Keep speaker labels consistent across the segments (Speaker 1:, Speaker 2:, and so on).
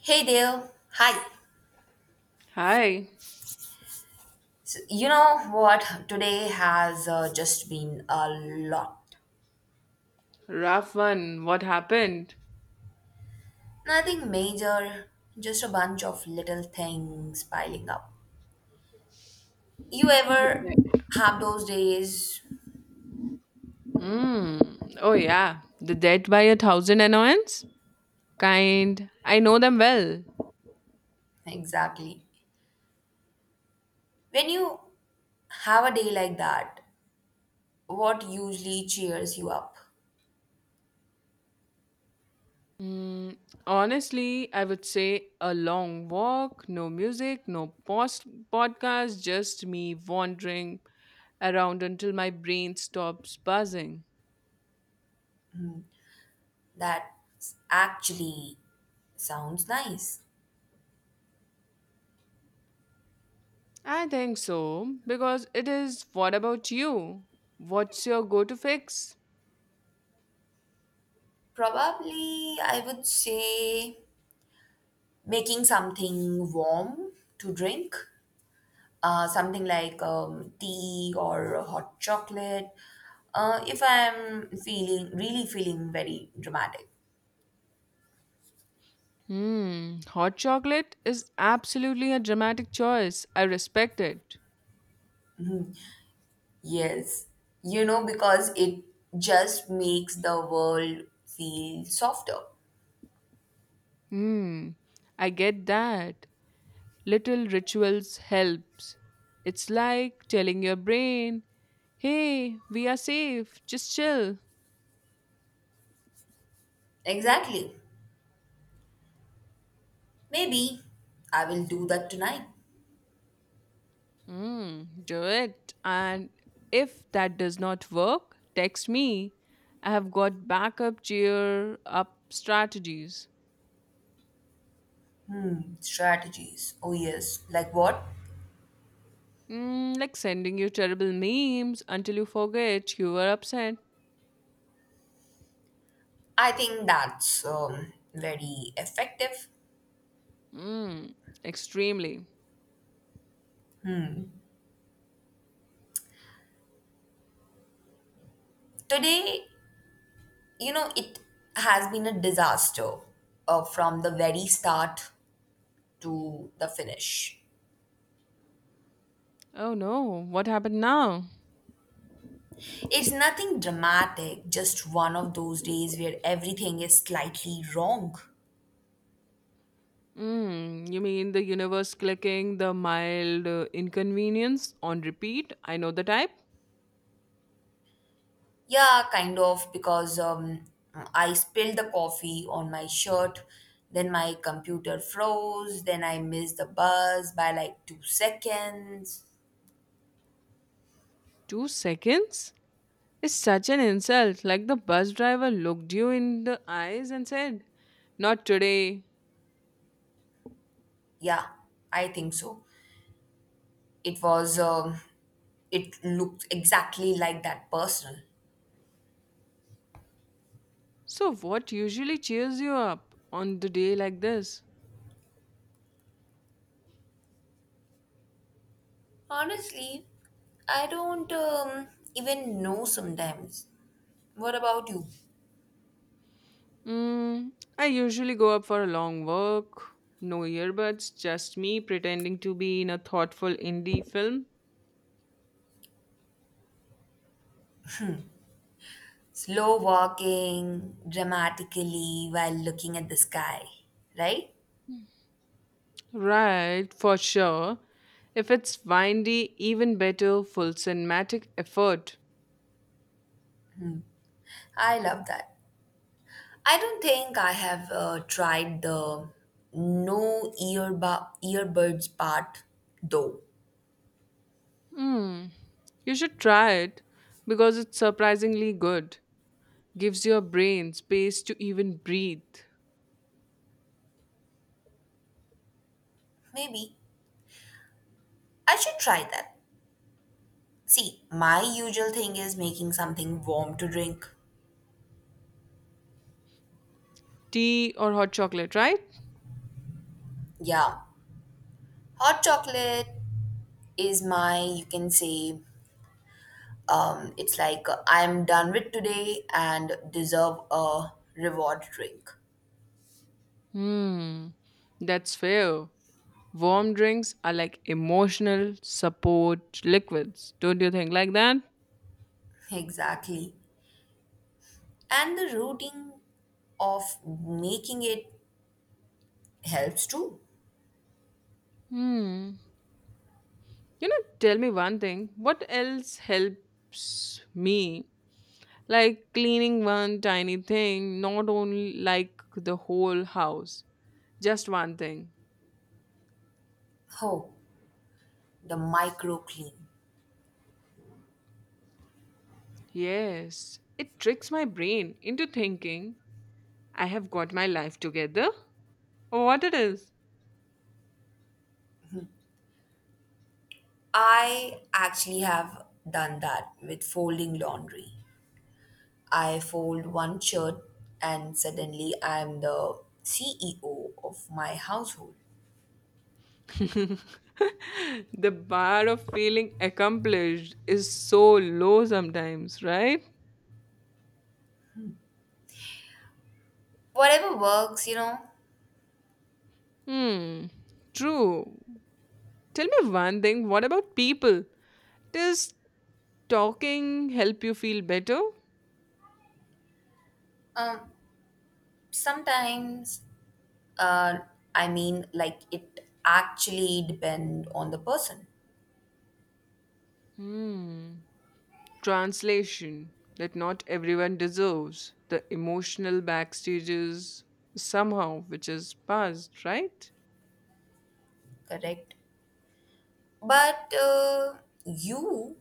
Speaker 1: Hey there. Hi.
Speaker 2: Hi,
Speaker 1: So, you know what? Today has just been a lot.
Speaker 2: rough one. What happened?
Speaker 1: Nothing major, just a bunch of little things piling up. You ever have those days?
Speaker 2: Mm. Oh, yeah. The debt by a thousand annoyance? Kind. I know them well.
Speaker 1: Exactly. When you have a day like that, what usually cheers you up?
Speaker 2: Honestly, I would say a long walk, no music, no podcast, just me wandering around until my brain stops buzzing.
Speaker 1: That actually sounds nice.
Speaker 2: I think so, because it is what about you? What's your go to fix?
Speaker 1: Probably, I would say making something warm to drink something like tea or hot chocolate if I'm feeling very dramatic.
Speaker 2: Hmm, hot chocolate is absolutely a dramatic choice. I respect it.
Speaker 1: Yes, you know, because it just makes the world feel softer.
Speaker 2: Hmm, I get that. Little rituals helps. It's like telling your brain, "Hey, we are safe. Just chill."
Speaker 1: Exactly. Maybe I will do that tonight.
Speaker 2: Hmm, do it. And if that does not work, text me. I have got backup cheer up strategies.
Speaker 1: Strategies? Oh, yes, like what?
Speaker 2: Hmm, like sending you terrible memes until you forget you were upset.
Speaker 1: I think that's very effective.
Speaker 2: Mm, extremely.
Speaker 1: Today, you know, it has been a disaster from the very start to the finish.
Speaker 2: Oh no, what happened now?
Speaker 1: It's nothing dramatic, just one of those days where everything is slightly wrong.
Speaker 2: Mm, you mean the universe clicking the mild inconvenience on repeat? I know the type.
Speaker 1: Yeah, kind of, because I spilled the coffee on my shirt, then my computer froze, then I missed the bus by like two seconds.
Speaker 2: 2 seconds? It's such an insult. Like the bus driver looked you in the eyes and said, "Not today."
Speaker 1: Yeah, I think so. It was, it looked exactly like that personal.
Speaker 2: So, what usually cheers you up on the day like this?
Speaker 1: Honestly, I don't even know sometimes. What about you?
Speaker 2: Mm, I usually go up for a long walk. No earbuds, just me pretending to be in a thoughtful indie film.
Speaker 1: Slow walking dramatically while looking at the sky, right?
Speaker 2: Right, for sure. If it's windy, even better, full cinematic effort.
Speaker 1: I love that. I don't think I have tried the no earbu- earbuds part though.
Speaker 2: Hmm. You should try it because it's surprisingly good. Gives your brain space to even breathe.
Speaker 1: Maybe I should try that. See, my usual thing is making something warm to drink.
Speaker 2: Tea or hot chocolate, right?
Speaker 1: Yeah, hot chocolate is my, you can say, it's like I'm done with today and deserve a reward drink.
Speaker 2: Hmm. That's fair. Warm drinks are like emotional support liquids. Don't you think like that?
Speaker 1: Exactly. And the routing of making it helps too.
Speaker 2: Hmm. You know, tell me one thing. What else helps me? Like cleaning one tiny thing, not only like the whole house, just one thing.
Speaker 1: Oh, the micro clean.
Speaker 2: Yes, it tricks my brain into thinking I have got my life together or what it is.
Speaker 1: I actually have done that with folding laundry. I fold one shirt and suddenly I'm the CEO of my household.
Speaker 2: The bar of feeling accomplished is so low sometimes, right?
Speaker 1: Whatever works, you know.
Speaker 2: Hmm, true. Tell me one thing, what about people? Does talking help you feel better?
Speaker 1: um, Sometimes, uh, I mean, like, it actually depend on the person.
Speaker 2: Hmm. Translation that not everyone deserves, the emotional backstages somehow, which is past, right?
Speaker 1: Correct? But you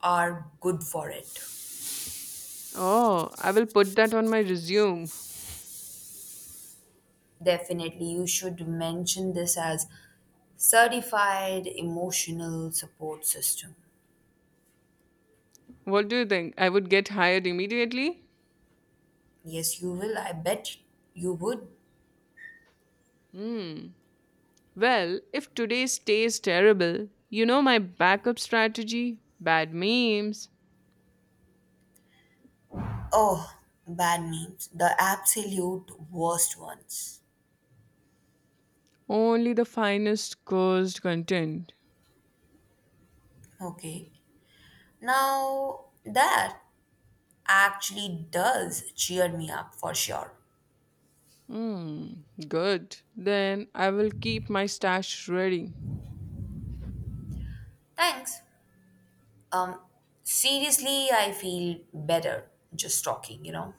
Speaker 1: are good for it.
Speaker 2: Oh, I will put that on my resume.
Speaker 1: Definitely, you should mention this as certified emotional support system.
Speaker 2: What do you think? I would get hired immediately?
Speaker 1: Yes, you will. I bet you would.
Speaker 2: Hmm. Well, if today's tastes terrible, you know my backup strategy? Bad memes.
Speaker 1: Oh, bad memes. The absolute worst ones.
Speaker 2: Only the finest cursed content.
Speaker 1: Okay. Now, that actually does cheer me up for sure.
Speaker 2: Hmm. Good. Then I will keep my stash ready.
Speaker 1: Thanks. Um, Seriously, I feel better just talking.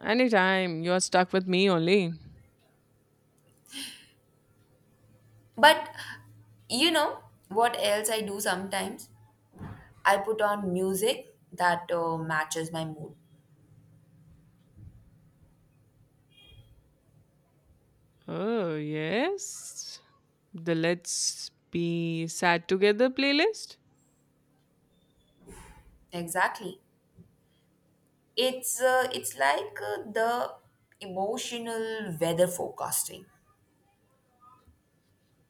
Speaker 2: Anytime. You're stuck with me only.
Speaker 1: But you know what else I do sometimes? I put on music that matches my mood.
Speaker 2: Oh, yes. The Let's Be Sad Together playlist?
Speaker 1: Exactly. It's it's like the emotional weather forecasting.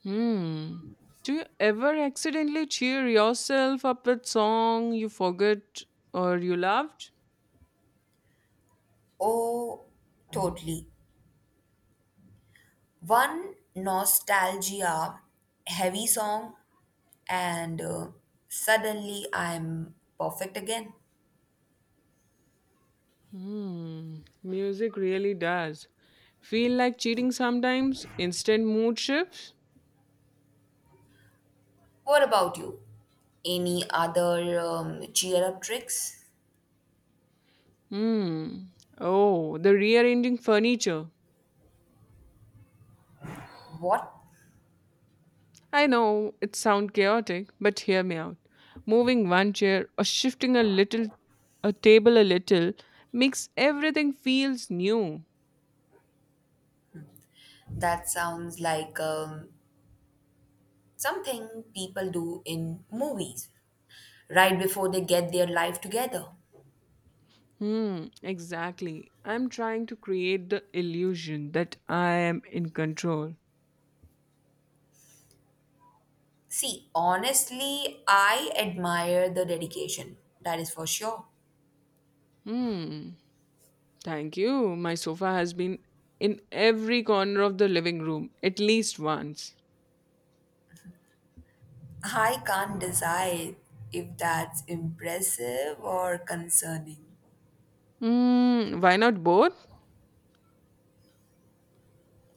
Speaker 2: Hmm. Do you ever accidentally cheer yourself up with song you forgot or you loved?
Speaker 1: Oh, totally. One nostalgia heavy song and suddenly I'm perfect again.
Speaker 2: Hmm. Music really does. Feel like cheating sometimes? Instant mood shifts?
Speaker 1: What about you? Any other cheer up tricks?
Speaker 2: Hmm. Oh, the rearranging furniture.
Speaker 1: What?
Speaker 2: I know it sounds chaotic, but hear me out. Moving one chair or shifting a little a table a little makes everything feels new.
Speaker 1: That sounds like something people do in movies right before they get their life together.
Speaker 2: Hmm, exactly. I'm trying to create the illusion that I am in control.
Speaker 1: See, honestly, I admire the dedication. That is for sure.
Speaker 2: Hmm. Thank you. My sofa has been in every corner of the living room at least once.
Speaker 1: I can't decide if that's impressive or concerning.
Speaker 2: Hmm, why not both?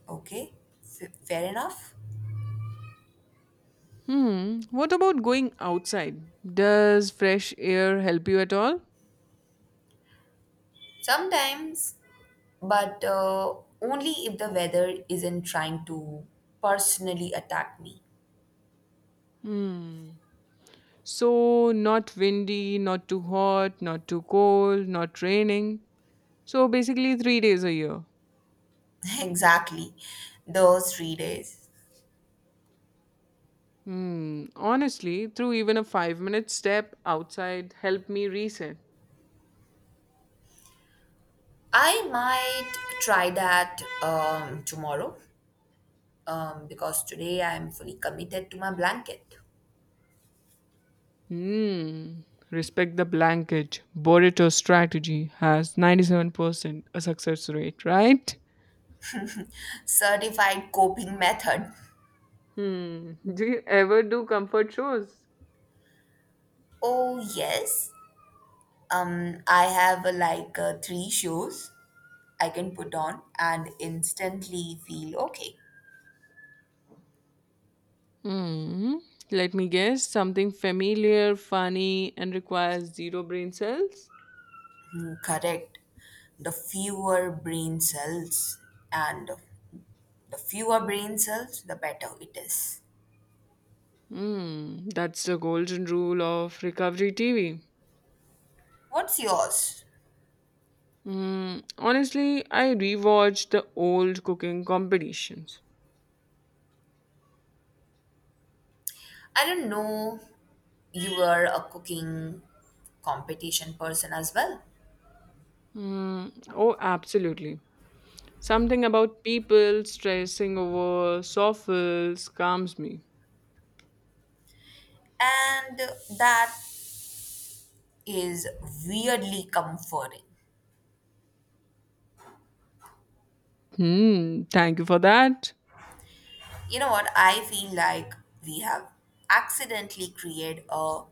Speaker 1: Okay, fair enough.
Speaker 2: Hmm. What about going outside? Does fresh air help you at all?
Speaker 1: Sometimes, but only if the weather isn't trying to personally attack me.
Speaker 2: Hmm. So, not windy, not too hot, not too cold, not raining. So, basically, 3 days a year.
Speaker 1: Exactly, those three days.
Speaker 2: Hmm. Honestly, through even a 5-minute step outside helped me reset.
Speaker 1: I might try that tomorrow, because today I'm fully committed to my blanket.
Speaker 2: Hmm. Respect the blanket. Burrito strategy has 97% a success rate, right?
Speaker 1: Certified coping method.
Speaker 2: Hmm. Do you ever do comfort shows?
Speaker 1: Oh, yes. I have like three shoes I can put on and instantly feel okay.
Speaker 2: Hmm. Let me guess. Something familiar, funny, and requires zero brain cells?
Speaker 1: Hmm, correct. The fewer brain cells, and the fewer brain cells, the better it is.
Speaker 2: Mm, that's the golden rule of recovery TV.
Speaker 1: What's yours?
Speaker 2: Mm, honestly, I rewatch the old cooking competitions.
Speaker 1: I didn't know you were a cooking competition person as well.
Speaker 2: Mm, oh, absolutely. Something about people stressing over soffits calms me.
Speaker 1: And that is weirdly comforting.
Speaker 2: Hmm, thank you for that.
Speaker 1: You know what? I feel like we have accidentally created a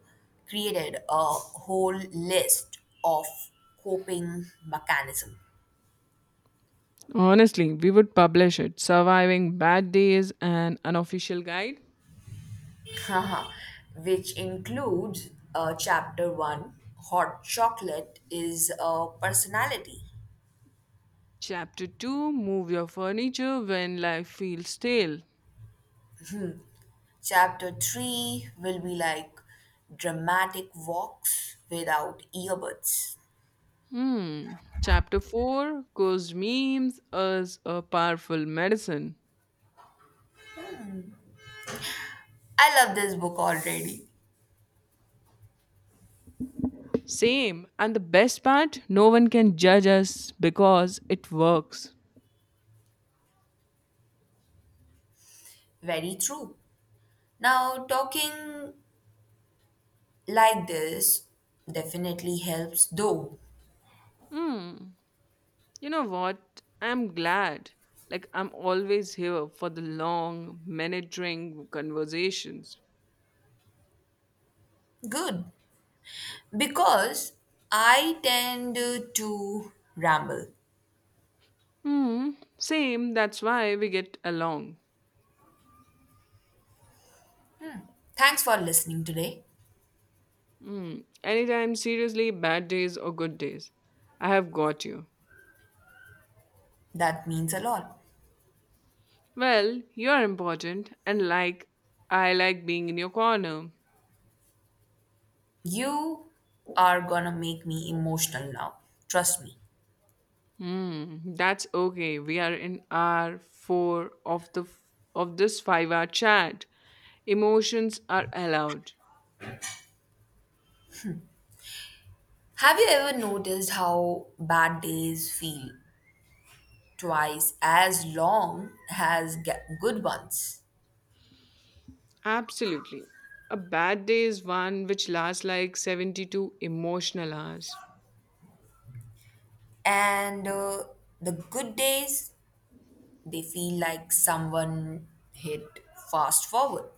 Speaker 1: created a whole list of coping mechanism.
Speaker 2: Honestly, we would publish it Surviving Bad Days, An Unofficial Guide.
Speaker 1: Haha, which includes chapter 1, hot chocolate is a personality.
Speaker 2: Chapter 2, Move Your Furniture When Life Feels Stale.
Speaker 1: Chapter 3 will be like dramatic walks without earbuds.
Speaker 2: Hmm. Chapter 4 goes memes as a powerful medicine.
Speaker 1: I love this book already.
Speaker 2: Same. And the best part, no one can judge us because it works.
Speaker 1: Very true. Now, talking like this definitely helps, though.
Speaker 2: Hmm. You know what? I'm glad. Like, I'm always here for the long, minute drink conversations.
Speaker 1: Good. Because I tend to ramble.
Speaker 2: Hmm. Same. That's why we get along.
Speaker 1: Thanks for listening today.
Speaker 2: Hmm. Anytime, seriously, bad days or good days. I have got you.
Speaker 1: That means a lot.
Speaker 2: Well, you're important and like I like being in your corner.
Speaker 1: You are gonna make me emotional now. Trust me.
Speaker 2: Hmm, that's okay. We are in hour 4 of this 5-hour chat. Emotions are allowed.
Speaker 1: Have you ever noticed how bad days feel twice as long as good ones.
Speaker 2: Absolutely. A bad day is one which lasts like 72 emotional hours.
Speaker 1: And the good days, they feel like someone hit fast forward.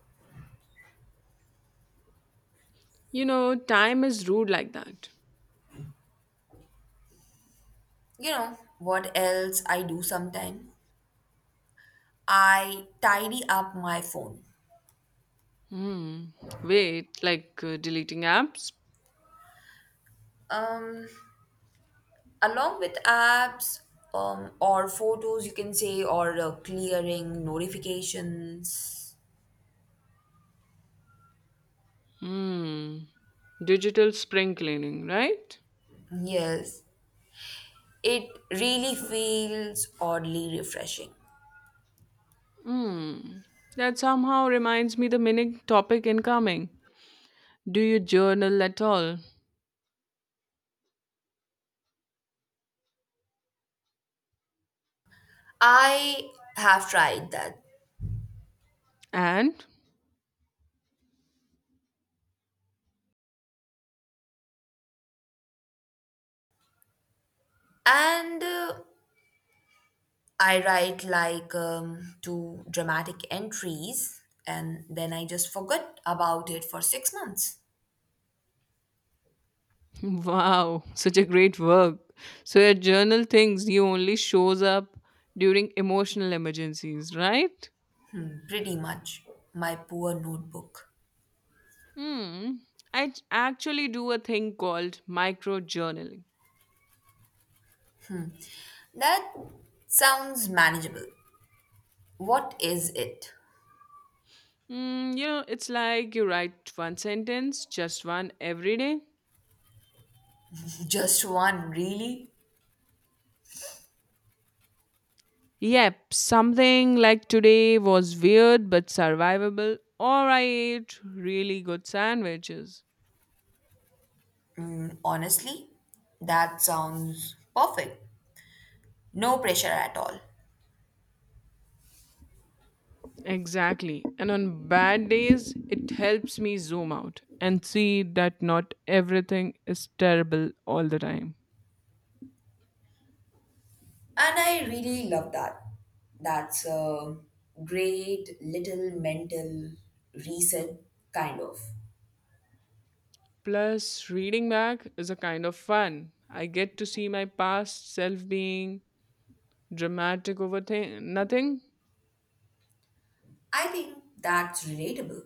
Speaker 2: You know, time is rude like that.
Speaker 1: You know, what else I do sometimes? I tidy up my phone.
Speaker 2: Hmm. Wait, like deleting apps?
Speaker 1: Um, Along with apps, or photos, you can say, or clearing notifications.
Speaker 2: Hmm. Digital spring cleaning, right?
Speaker 1: Yes, it really feels oddly refreshing.
Speaker 2: Mm. That somehow reminds me the mini topic incoming. Do you journal at all?
Speaker 1: I have tried that.
Speaker 2: And
Speaker 1: And I write like two dramatic entries and then I just forgot about it for six months.
Speaker 2: wow, such a great work. So your journal thinks you only shows up during emotional emergencies, right?
Speaker 1: Pretty much. My poor notebook.
Speaker 2: Hmm. I actually do a thing called micro journaling.
Speaker 1: That sounds manageable. What is it?
Speaker 2: Mm, you know, it's like you write one sentence, just one every day.
Speaker 1: Just one, really?
Speaker 2: Yep, something like today was weird but survivable, or I ate really good sandwiches.
Speaker 1: Mm, honestly, that sounds perfect. No pressure at all.
Speaker 2: Exactly. And on bad days, it helps me zoom out and see that not everything is terrible all the time.
Speaker 1: And I really love that. That's a great little mental reset, kind of.
Speaker 2: Plus, reading back is a kind of fun. I get to see my past self being dramatic over nothing.
Speaker 1: I think that's relatable.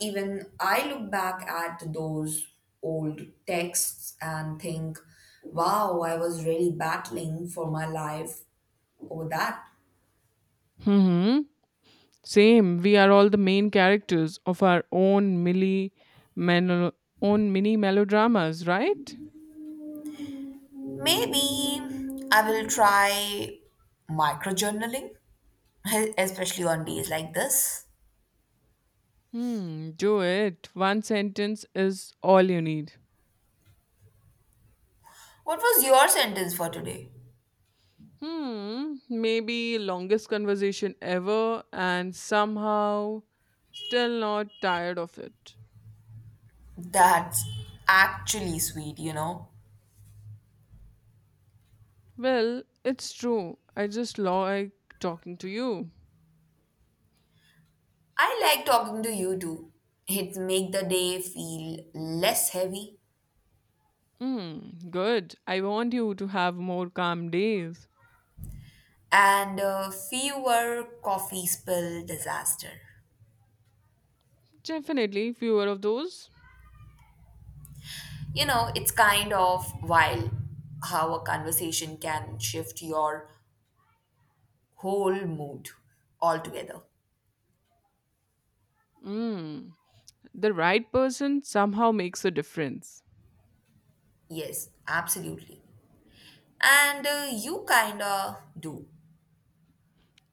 Speaker 1: Even I look back at those old texts and think, wow, I was really battling for my life over that.
Speaker 2: Hmm. Same, we are all the main characters of our own melo- mini melodramas, right?
Speaker 1: Maybe I will try microjournaling, especially on days like this.
Speaker 2: Hmm, do it. One sentence is all you need.
Speaker 1: What was your sentence for today?
Speaker 2: Hmm, maybe longest conversation ever and somehow still not tired of it.
Speaker 1: That's actually sweet, you know.
Speaker 2: Well, it's true. I just like talking to you.
Speaker 1: I like talking to you too. It make the day feel less heavy
Speaker 2: Hmm, good. I want you to have more calm days.
Speaker 1: and fewer coffee spill disaster.
Speaker 2: Definitely fewer of those.
Speaker 1: You know, it's kind of wild how a conversation can shift your whole mood altogether.
Speaker 2: Hmm. The right person somehow makes a difference.
Speaker 1: Yes, absolutely. And you kinda do.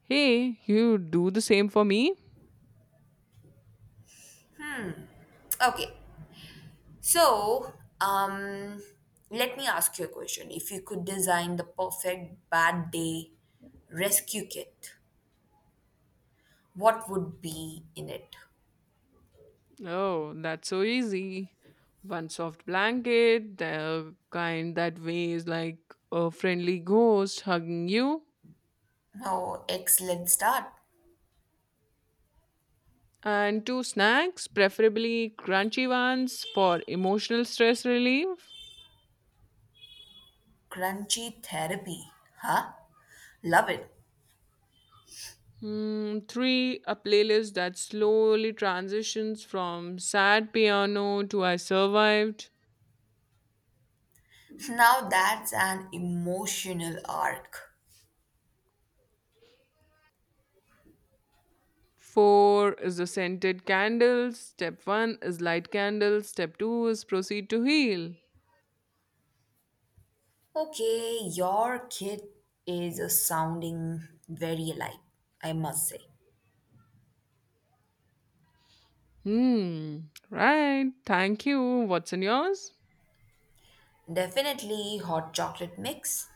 Speaker 2: Hey, you do the same for me?
Speaker 1: Okay, so, um, let me ask you a question. If you could design the perfect bad day rescue kit, what would be in it?
Speaker 2: Oh, that's so easy. One soft blanket, the kind that weighs like a friendly ghost hugging you,
Speaker 1: Oh, excellent start.
Speaker 2: and two snacks, preferably crunchy ones for emotional stress relief.
Speaker 1: Crunchy therapy. Huh? Love it.
Speaker 2: Hmm, three, a playlist that slowly transitions from sad piano to I survived.
Speaker 1: Now that's an emotional arc.
Speaker 2: Four is the scented candles. Step one is light candles. Step two is proceed to heal.
Speaker 1: Okay, your kit is sounding very light. I must say.
Speaker 2: Hmm. Right. Thank you. What's in yours?
Speaker 1: Definitely hot chocolate mix,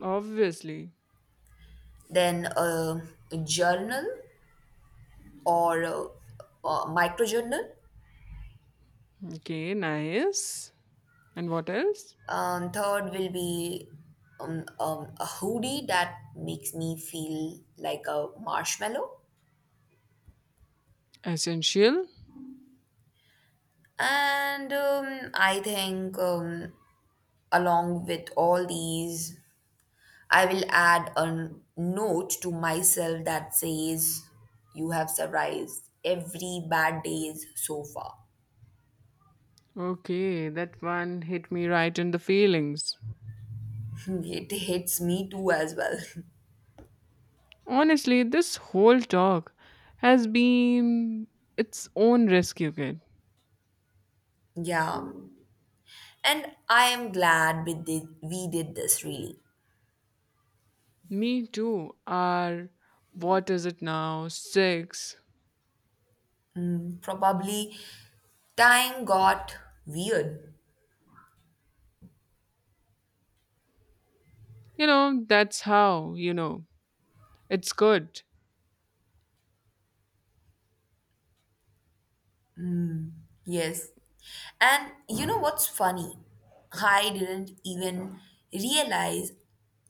Speaker 2: Obviously.
Speaker 1: then a journal or micro journal.
Speaker 2: Okay. Nice. And what else?
Speaker 1: Third will be a hoodie that makes me feel like a marshmallow.
Speaker 2: Essential.
Speaker 1: And I think along with all these, I will add a note to myself that says, "You have survived every bad days so far."
Speaker 2: Okay. That one hit me right in the feelings.
Speaker 1: It hits me too as well.
Speaker 2: Honestly, this whole talk has been its own rescue kit.
Speaker 1: Yeah. And I am glad we did this really.
Speaker 2: Me too. Are what is it now? Six.
Speaker 1: Probably time got weird.
Speaker 2: You know, that's how, it's good.
Speaker 1: Yes. And you know what's funny? I didn't even realize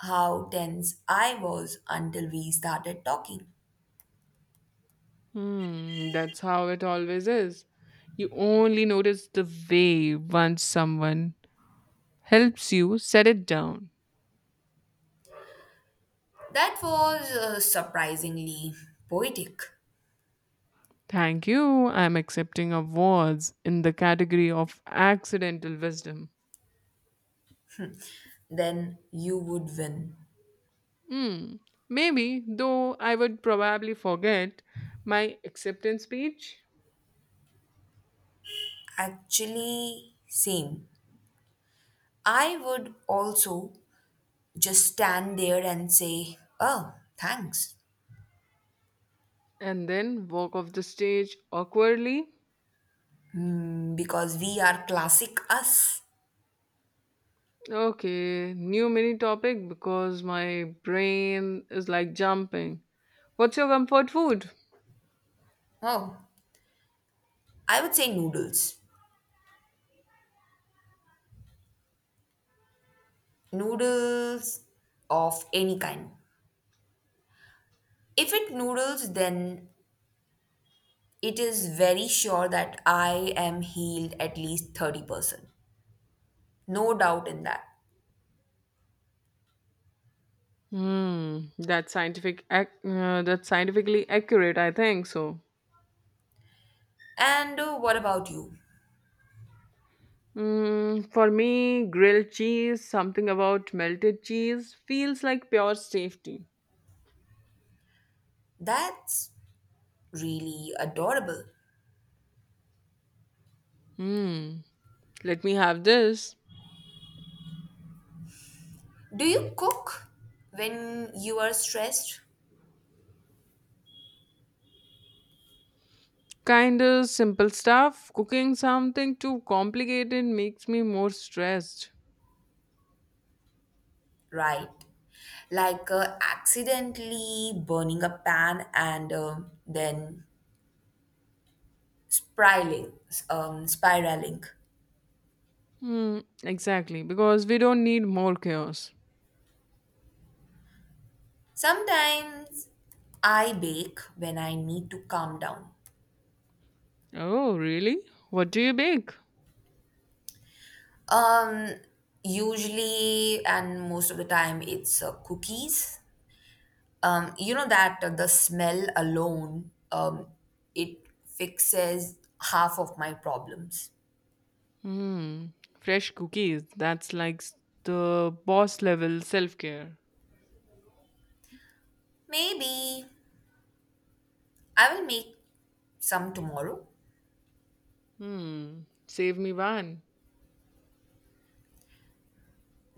Speaker 1: how tense I was until we started talking.
Speaker 2: Hmm, that's how it always is. You only notice the wave once someone helps you set it down.
Speaker 1: That was surprisingly poetic.
Speaker 2: Thank you. I'm accepting awards in the category of accidental wisdom.
Speaker 1: Then you would win.
Speaker 2: Hmm. Maybe, though I would probably forget my acceptance speech
Speaker 1: Actually, same. I would also just stand there and say, oh, thanks.
Speaker 2: and then walk off the stage awkwardly.
Speaker 1: Because we are classic us.
Speaker 2: Okay, new mini topic because my brain is like jumping. What's your comfort food?
Speaker 1: Oh, I would say noodles. Noodles of any kind. If it noodles, then it is very sure that I am healed at least 30%. No doubt in that.
Speaker 2: Hmm, that's scientific. That's scientifically accurate. I think so.
Speaker 1: And what about you?
Speaker 2: Mm, for me, grilled cheese, something about melted cheese, feels like pure safety.
Speaker 1: That's really adorable.
Speaker 2: Hmm, let me have this.
Speaker 1: Do you cook when you are stressed?
Speaker 2: Kind of simple stuff. Cooking something too complicated makes me more stressed.
Speaker 1: Right. Like accidentally burning a pan and then spiraling, spiraling.
Speaker 2: Hmm, exactly, because we don't need more chaos.
Speaker 1: Sometimes I bake when I need to calm down.
Speaker 2: Oh, really? What do you bake?
Speaker 1: Um, Usually and most of the time it's cookies. You know that the smell alone, it fixes half of my problems.
Speaker 2: Hmm. Fresh cookies. That's like the boss level self care.
Speaker 1: Maybe I will make some tomorrow.
Speaker 2: Hmm. Save me one.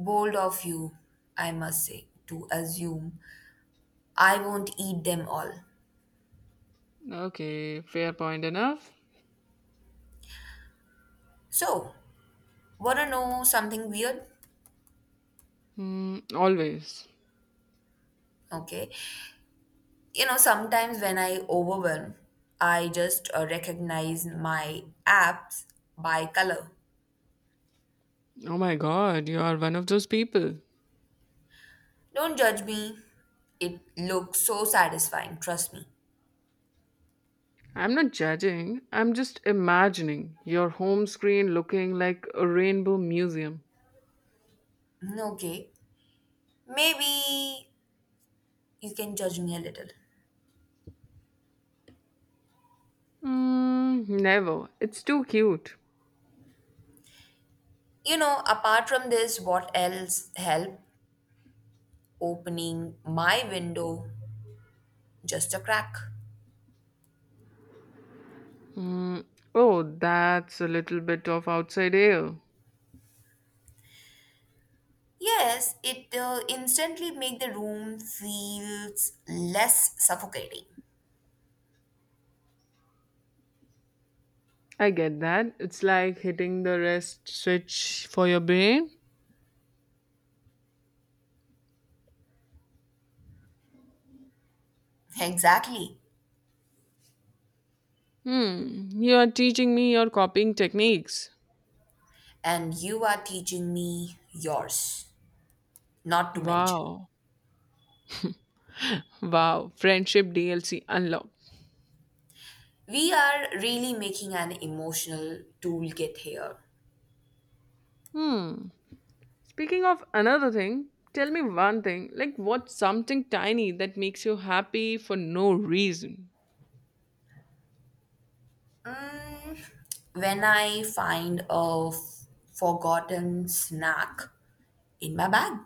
Speaker 1: Bold of you, I must say, to assume I won't eat them all.
Speaker 2: Okay, fair point enough.
Speaker 1: So, wanna know something weird?
Speaker 2: Hmm. Always.
Speaker 1: Okay. You know, sometimes when I overwhelm, I just recognize my apps by color.
Speaker 2: Oh my god, you are one of those people.
Speaker 1: Don't judge me. It looks so satisfying, trust me.
Speaker 2: I'm not judging, I'm just imagining your home screen looking like a rainbow museum.
Speaker 1: Mm, okay. Maybe you can judge me a little.
Speaker 2: Mm, never. It's too cute.
Speaker 1: You know, apart from this, what else help opening my window just a crack?
Speaker 2: Mm, oh, that's a little bit of outside air.
Speaker 1: Yes, it instantly make the room feels less suffocating.
Speaker 2: I get that. It's like hitting the rest switch for your brain.
Speaker 1: Exactly.
Speaker 2: Hmm, you are teaching me your copying techniques.
Speaker 1: And you are teaching me yours, not to mention.
Speaker 2: Wow. Wow. Friendship DLC unlocked.
Speaker 1: We are really making an emotional toolkit here.
Speaker 2: Hmm. Speaking of another thing, tell me one thing. Like, what's something tiny that makes you happy for no reason?
Speaker 1: Mm, when I find a forgotten snack in my bag,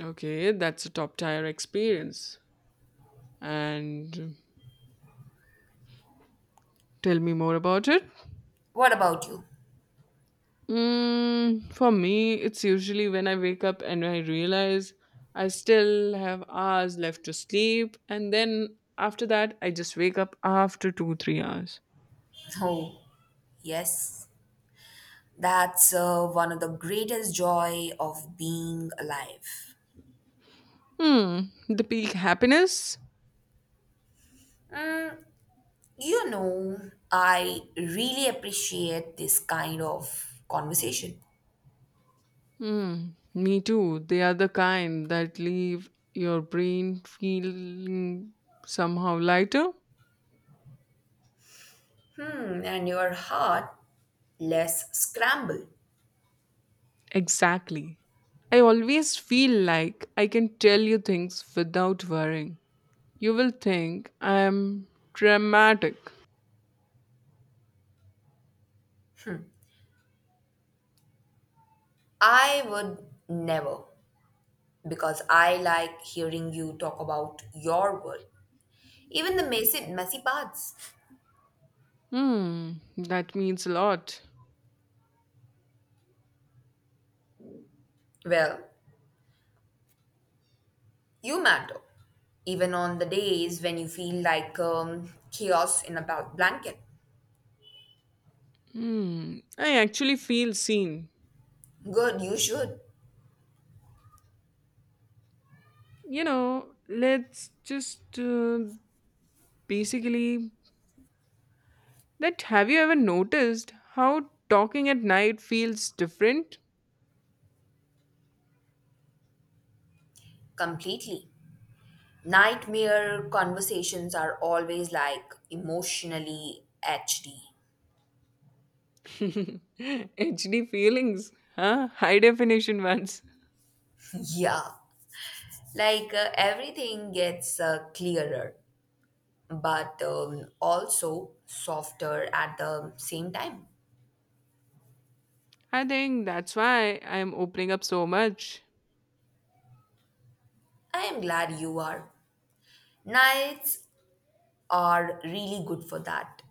Speaker 2: Okay, that's a top tier experience. And tell me more about it.
Speaker 1: what about you?
Speaker 2: Mm, for me, it's usually when I wake up and I realize I still have hours left to sleep, and then after that, I just wake up after two, 3 hours.
Speaker 1: Oh, yes, that's one of the greatest joy of being alive.
Speaker 2: Hmm, the peak happiness?
Speaker 1: You know, I really appreciate this kind of conversation.
Speaker 2: Hmm, me too. They are the kind that leave your brain feeling somehow lighter.
Speaker 1: Hmm, and your heart less scramble.
Speaker 2: Exactly. I always feel like I can tell you things without worrying. You will think I'm dramatic.
Speaker 1: I would never, because I like hearing you talk about your world, even the messy, messy parts.
Speaker 2: Hmm, that means a lot.
Speaker 1: Well, you matter, even on the days when you feel like chaos in a blanket.
Speaker 2: Hmm, I actually feel seen.
Speaker 1: Good, you should.
Speaker 2: You know, let's just basically that have you ever noticed how talking at night feels different?
Speaker 1: Completely. Nightmare conversations are always like emotionally HD.
Speaker 2: HD feelings, huh? High definition ones.
Speaker 1: Yeah. Like everything gets clearer, but also softer at the same time.
Speaker 2: I think that's why I'm opening up so much.
Speaker 1: I am glad you are. Nights are really good for that.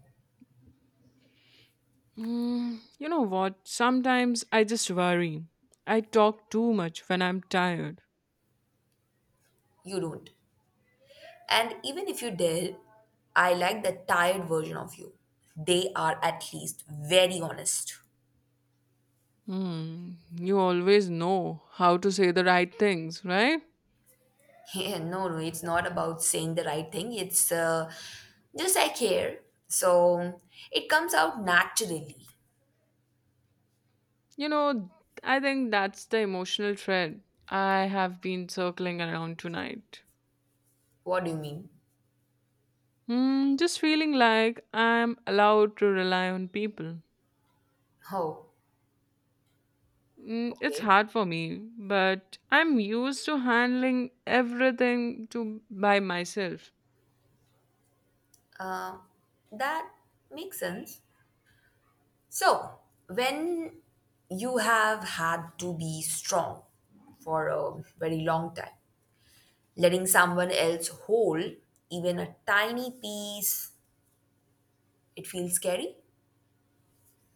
Speaker 2: Mm, you know what? Sometimes I just worry. I talk too much when I'm tired.
Speaker 1: You don't. And even if you did, I like the tired version of you. They are at least very honest.
Speaker 2: Hmm. You always know how to say the right things, right?
Speaker 1: Yeah, no, no, it's not about saying the right thing. It's just I care. So it comes out naturally.
Speaker 2: You know, I think that's the emotional thread I have been circling around tonight.
Speaker 1: What do you mean?
Speaker 2: Hmm. Just feeling like I'm allowed to rely on people.
Speaker 1: Oh.
Speaker 2: Mm, it's
Speaker 1: Okay,
Speaker 2: hard for me, but I'm used to handling everything to by myself.
Speaker 1: uh, that makes sense. So, when you have had to be strong for a very long time, letting someone else hold even a tiny piece, it feels scary.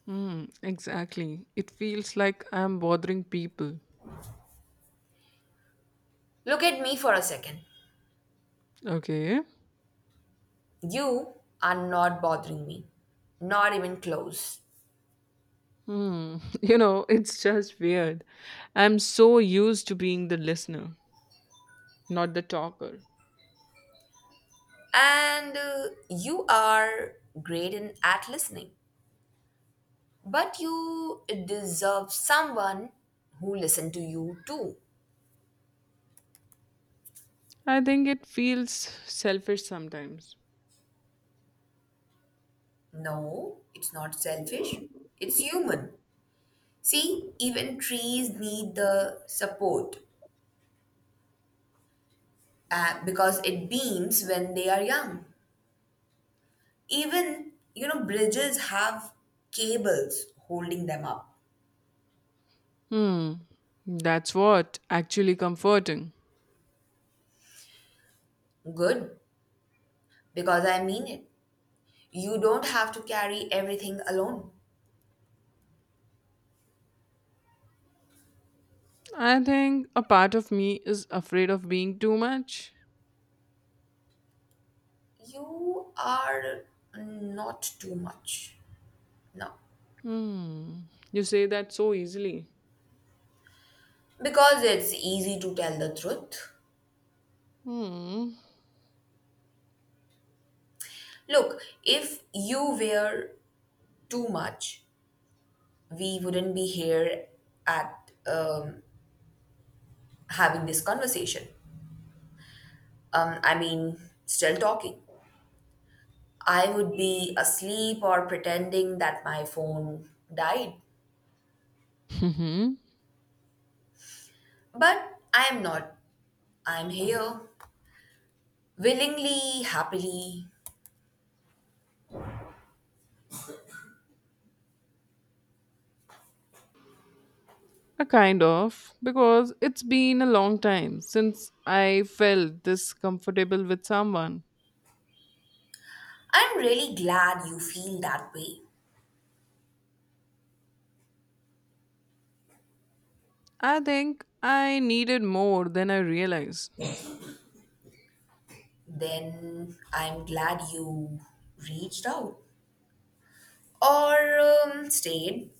Speaker 2: Hmm, exactly. It feels like I'm bothering people.
Speaker 1: Look at me for a second.
Speaker 2: Okay.
Speaker 1: You are not bothering me, not even close.
Speaker 2: Hmm. You know, it's just weird. I'm so used to being the listener, not the talker.
Speaker 1: And you are great in at listening, but you deserve someone who listen to you too.
Speaker 2: I think it feels selfish sometimes.
Speaker 1: No, it's not selfish. It's human. See, even trees need the support because it beams when they are young. Even, you know, bridges have cables holding them up.
Speaker 2: Hmm. That's what actually comforting.
Speaker 1: Good, because I mean it. You don't have to carry everything alone.
Speaker 2: I think a part of me is afraid of being too much.
Speaker 1: You are not too much. No.
Speaker 2: Hmm. You say that so easily.
Speaker 1: Because it's easy to tell the truth.
Speaker 2: Hmm.
Speaker 1: Look, if you wear too much, we wouldn't be here at, having this conversation. I mean, still talking. I would be asleep or pretending that my phone died. But I am not. I'm here, willingly, happily.
Speaker 2: A kind of, because it's been a long time since I felt this comfortable with someone.
Speaker 1: I'm really glad you feel that way.
Speaker 2: I think I needed more than I realized.
Speaker 1: Then I'm glad you reached out, or stayed,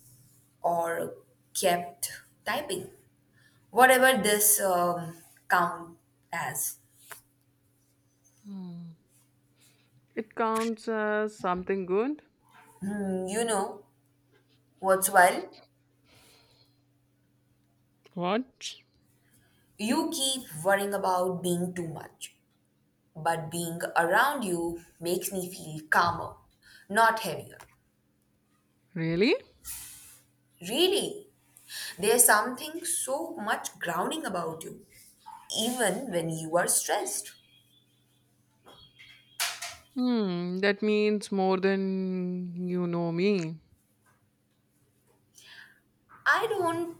Speaker 1: or kept typing. Whatever this count as.
Speaker 2: Hmm. It counts as something good?
Speaker 1: Hmm, you know what's wild?
Speaker 2: What?
Speaker 1: You keep worrying about being too much, but being around you makes me feel calmer, not heavier.
Speaker 2: Really?
Speaker 1: Really, there's something so much grounding about you, even when you are stressed.
Speaker 2: Hmm, that means more than you know me.
Speaker 1: I don't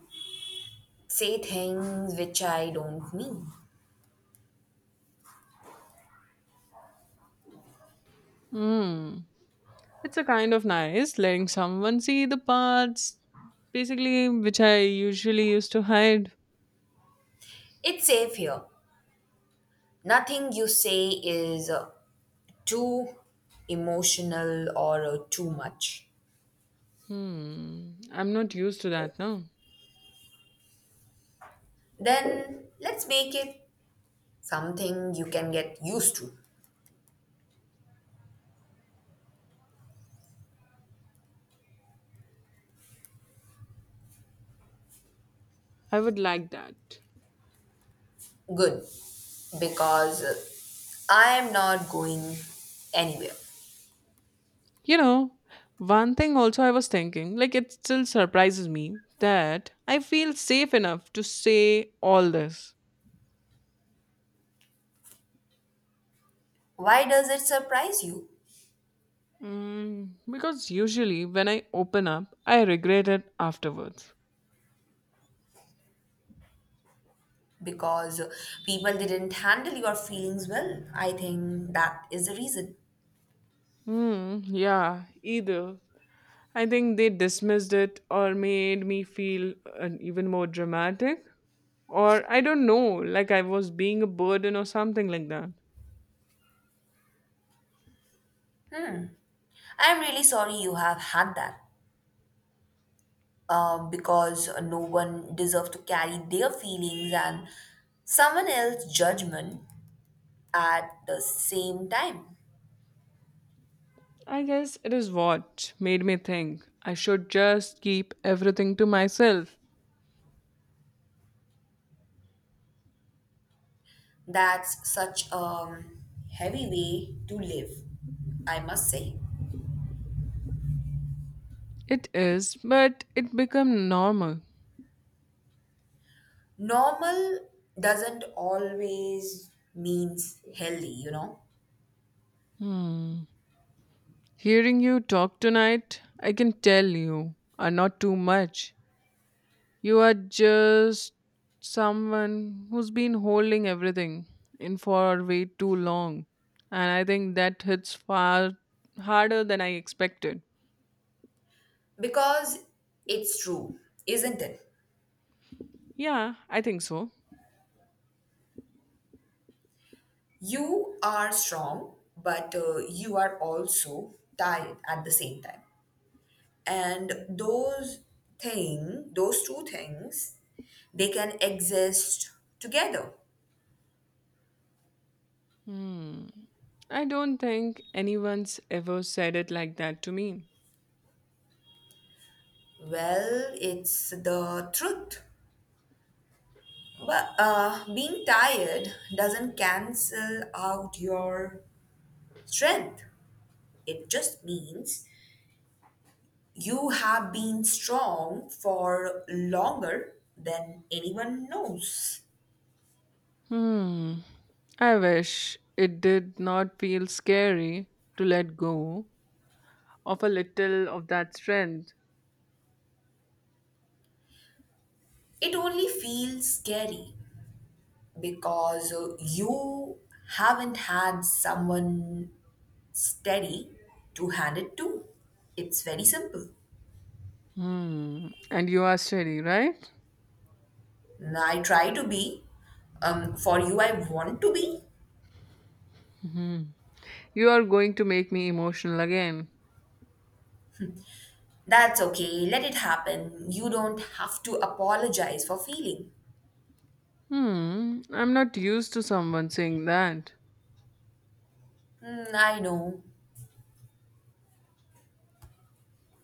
Speaker 1: say things which I don't mean.
Speaker 2: Hmm. It's a kind of nice letting someone see the parts, basically, which I usually used to hide.
Speaker 1: It's safe here. Nothing you say is too emotional or too much.
Speaker 2: Hmm. I'm not used to that now.
Speaker 1: Then let's make it something you can get used to.
Speaker 2: I would like that.
Speaker 1: Good. Because I am not going anywhere.
Speaker 2: You know, one thing also I was thinking, like it still surprises me that I feel safe enough to say all this.
Speaker 1: Why does it surprise you?
Speaker 2: Mm, because usually when I open up, I regret it afterwards.
Speaker 1: Because people didn't handle your feelings well. I think that is the reason.
Speaker 2: Hmm, yeah, either. I think they dismissed it or made me feel even more dramatic. Or I don't know, like I was being a burden or something like that.
Speaker 1: I'm really sorry you have had that. Because no one deserves to carry their feelings and someone else's judgment at the same time.
Speaker 2: I guess it is what made me think I should just keep everything to myself.
Speaker 1: That's such a heavy way to live, I must say.
Speaker 2: It is, but it become normal.
Speaker 1: Normal doesn't always means healthy, you know,
Speaker 2: Hmm. Hearing you talk tonight, I can tell you are not too much. You are just someone who's been holding everything in for way too long. And I think that hits far harder than I expected.
Speaker 1: because it's true, isn't it?
Speaker 2: Yeah, I think so.
Speaker 1: You are strong, but you are also tired at the same time. And those two things, they can exist together.
Speaker 2: Hmm. I don't think anyone's ever said it like that to me.
Speaker 1: Well, it's the truth. But being tired doesn't cancel out your strength. It just means you have been strong for longer than anyone knows.
Speaker 2: Hmm. I wish it did not feel scary to let go of a little of that strength.
Speaker 1: It only feels scary because you haven't had someone steady to hand it to. It's very simple.
Speaker 2: Hmm. And you are steady, right?
Speaker 1: I try to be. For you, I want to be.
Speaker 2: Hmm. You are going to make me emotional again.
Speaker 1: That's okay. Let it happen. You don't have to apologize for feeling.
Speaker 2: Hmm. I'm not used to someone saying that.
Speaker 1: Hmm, I know.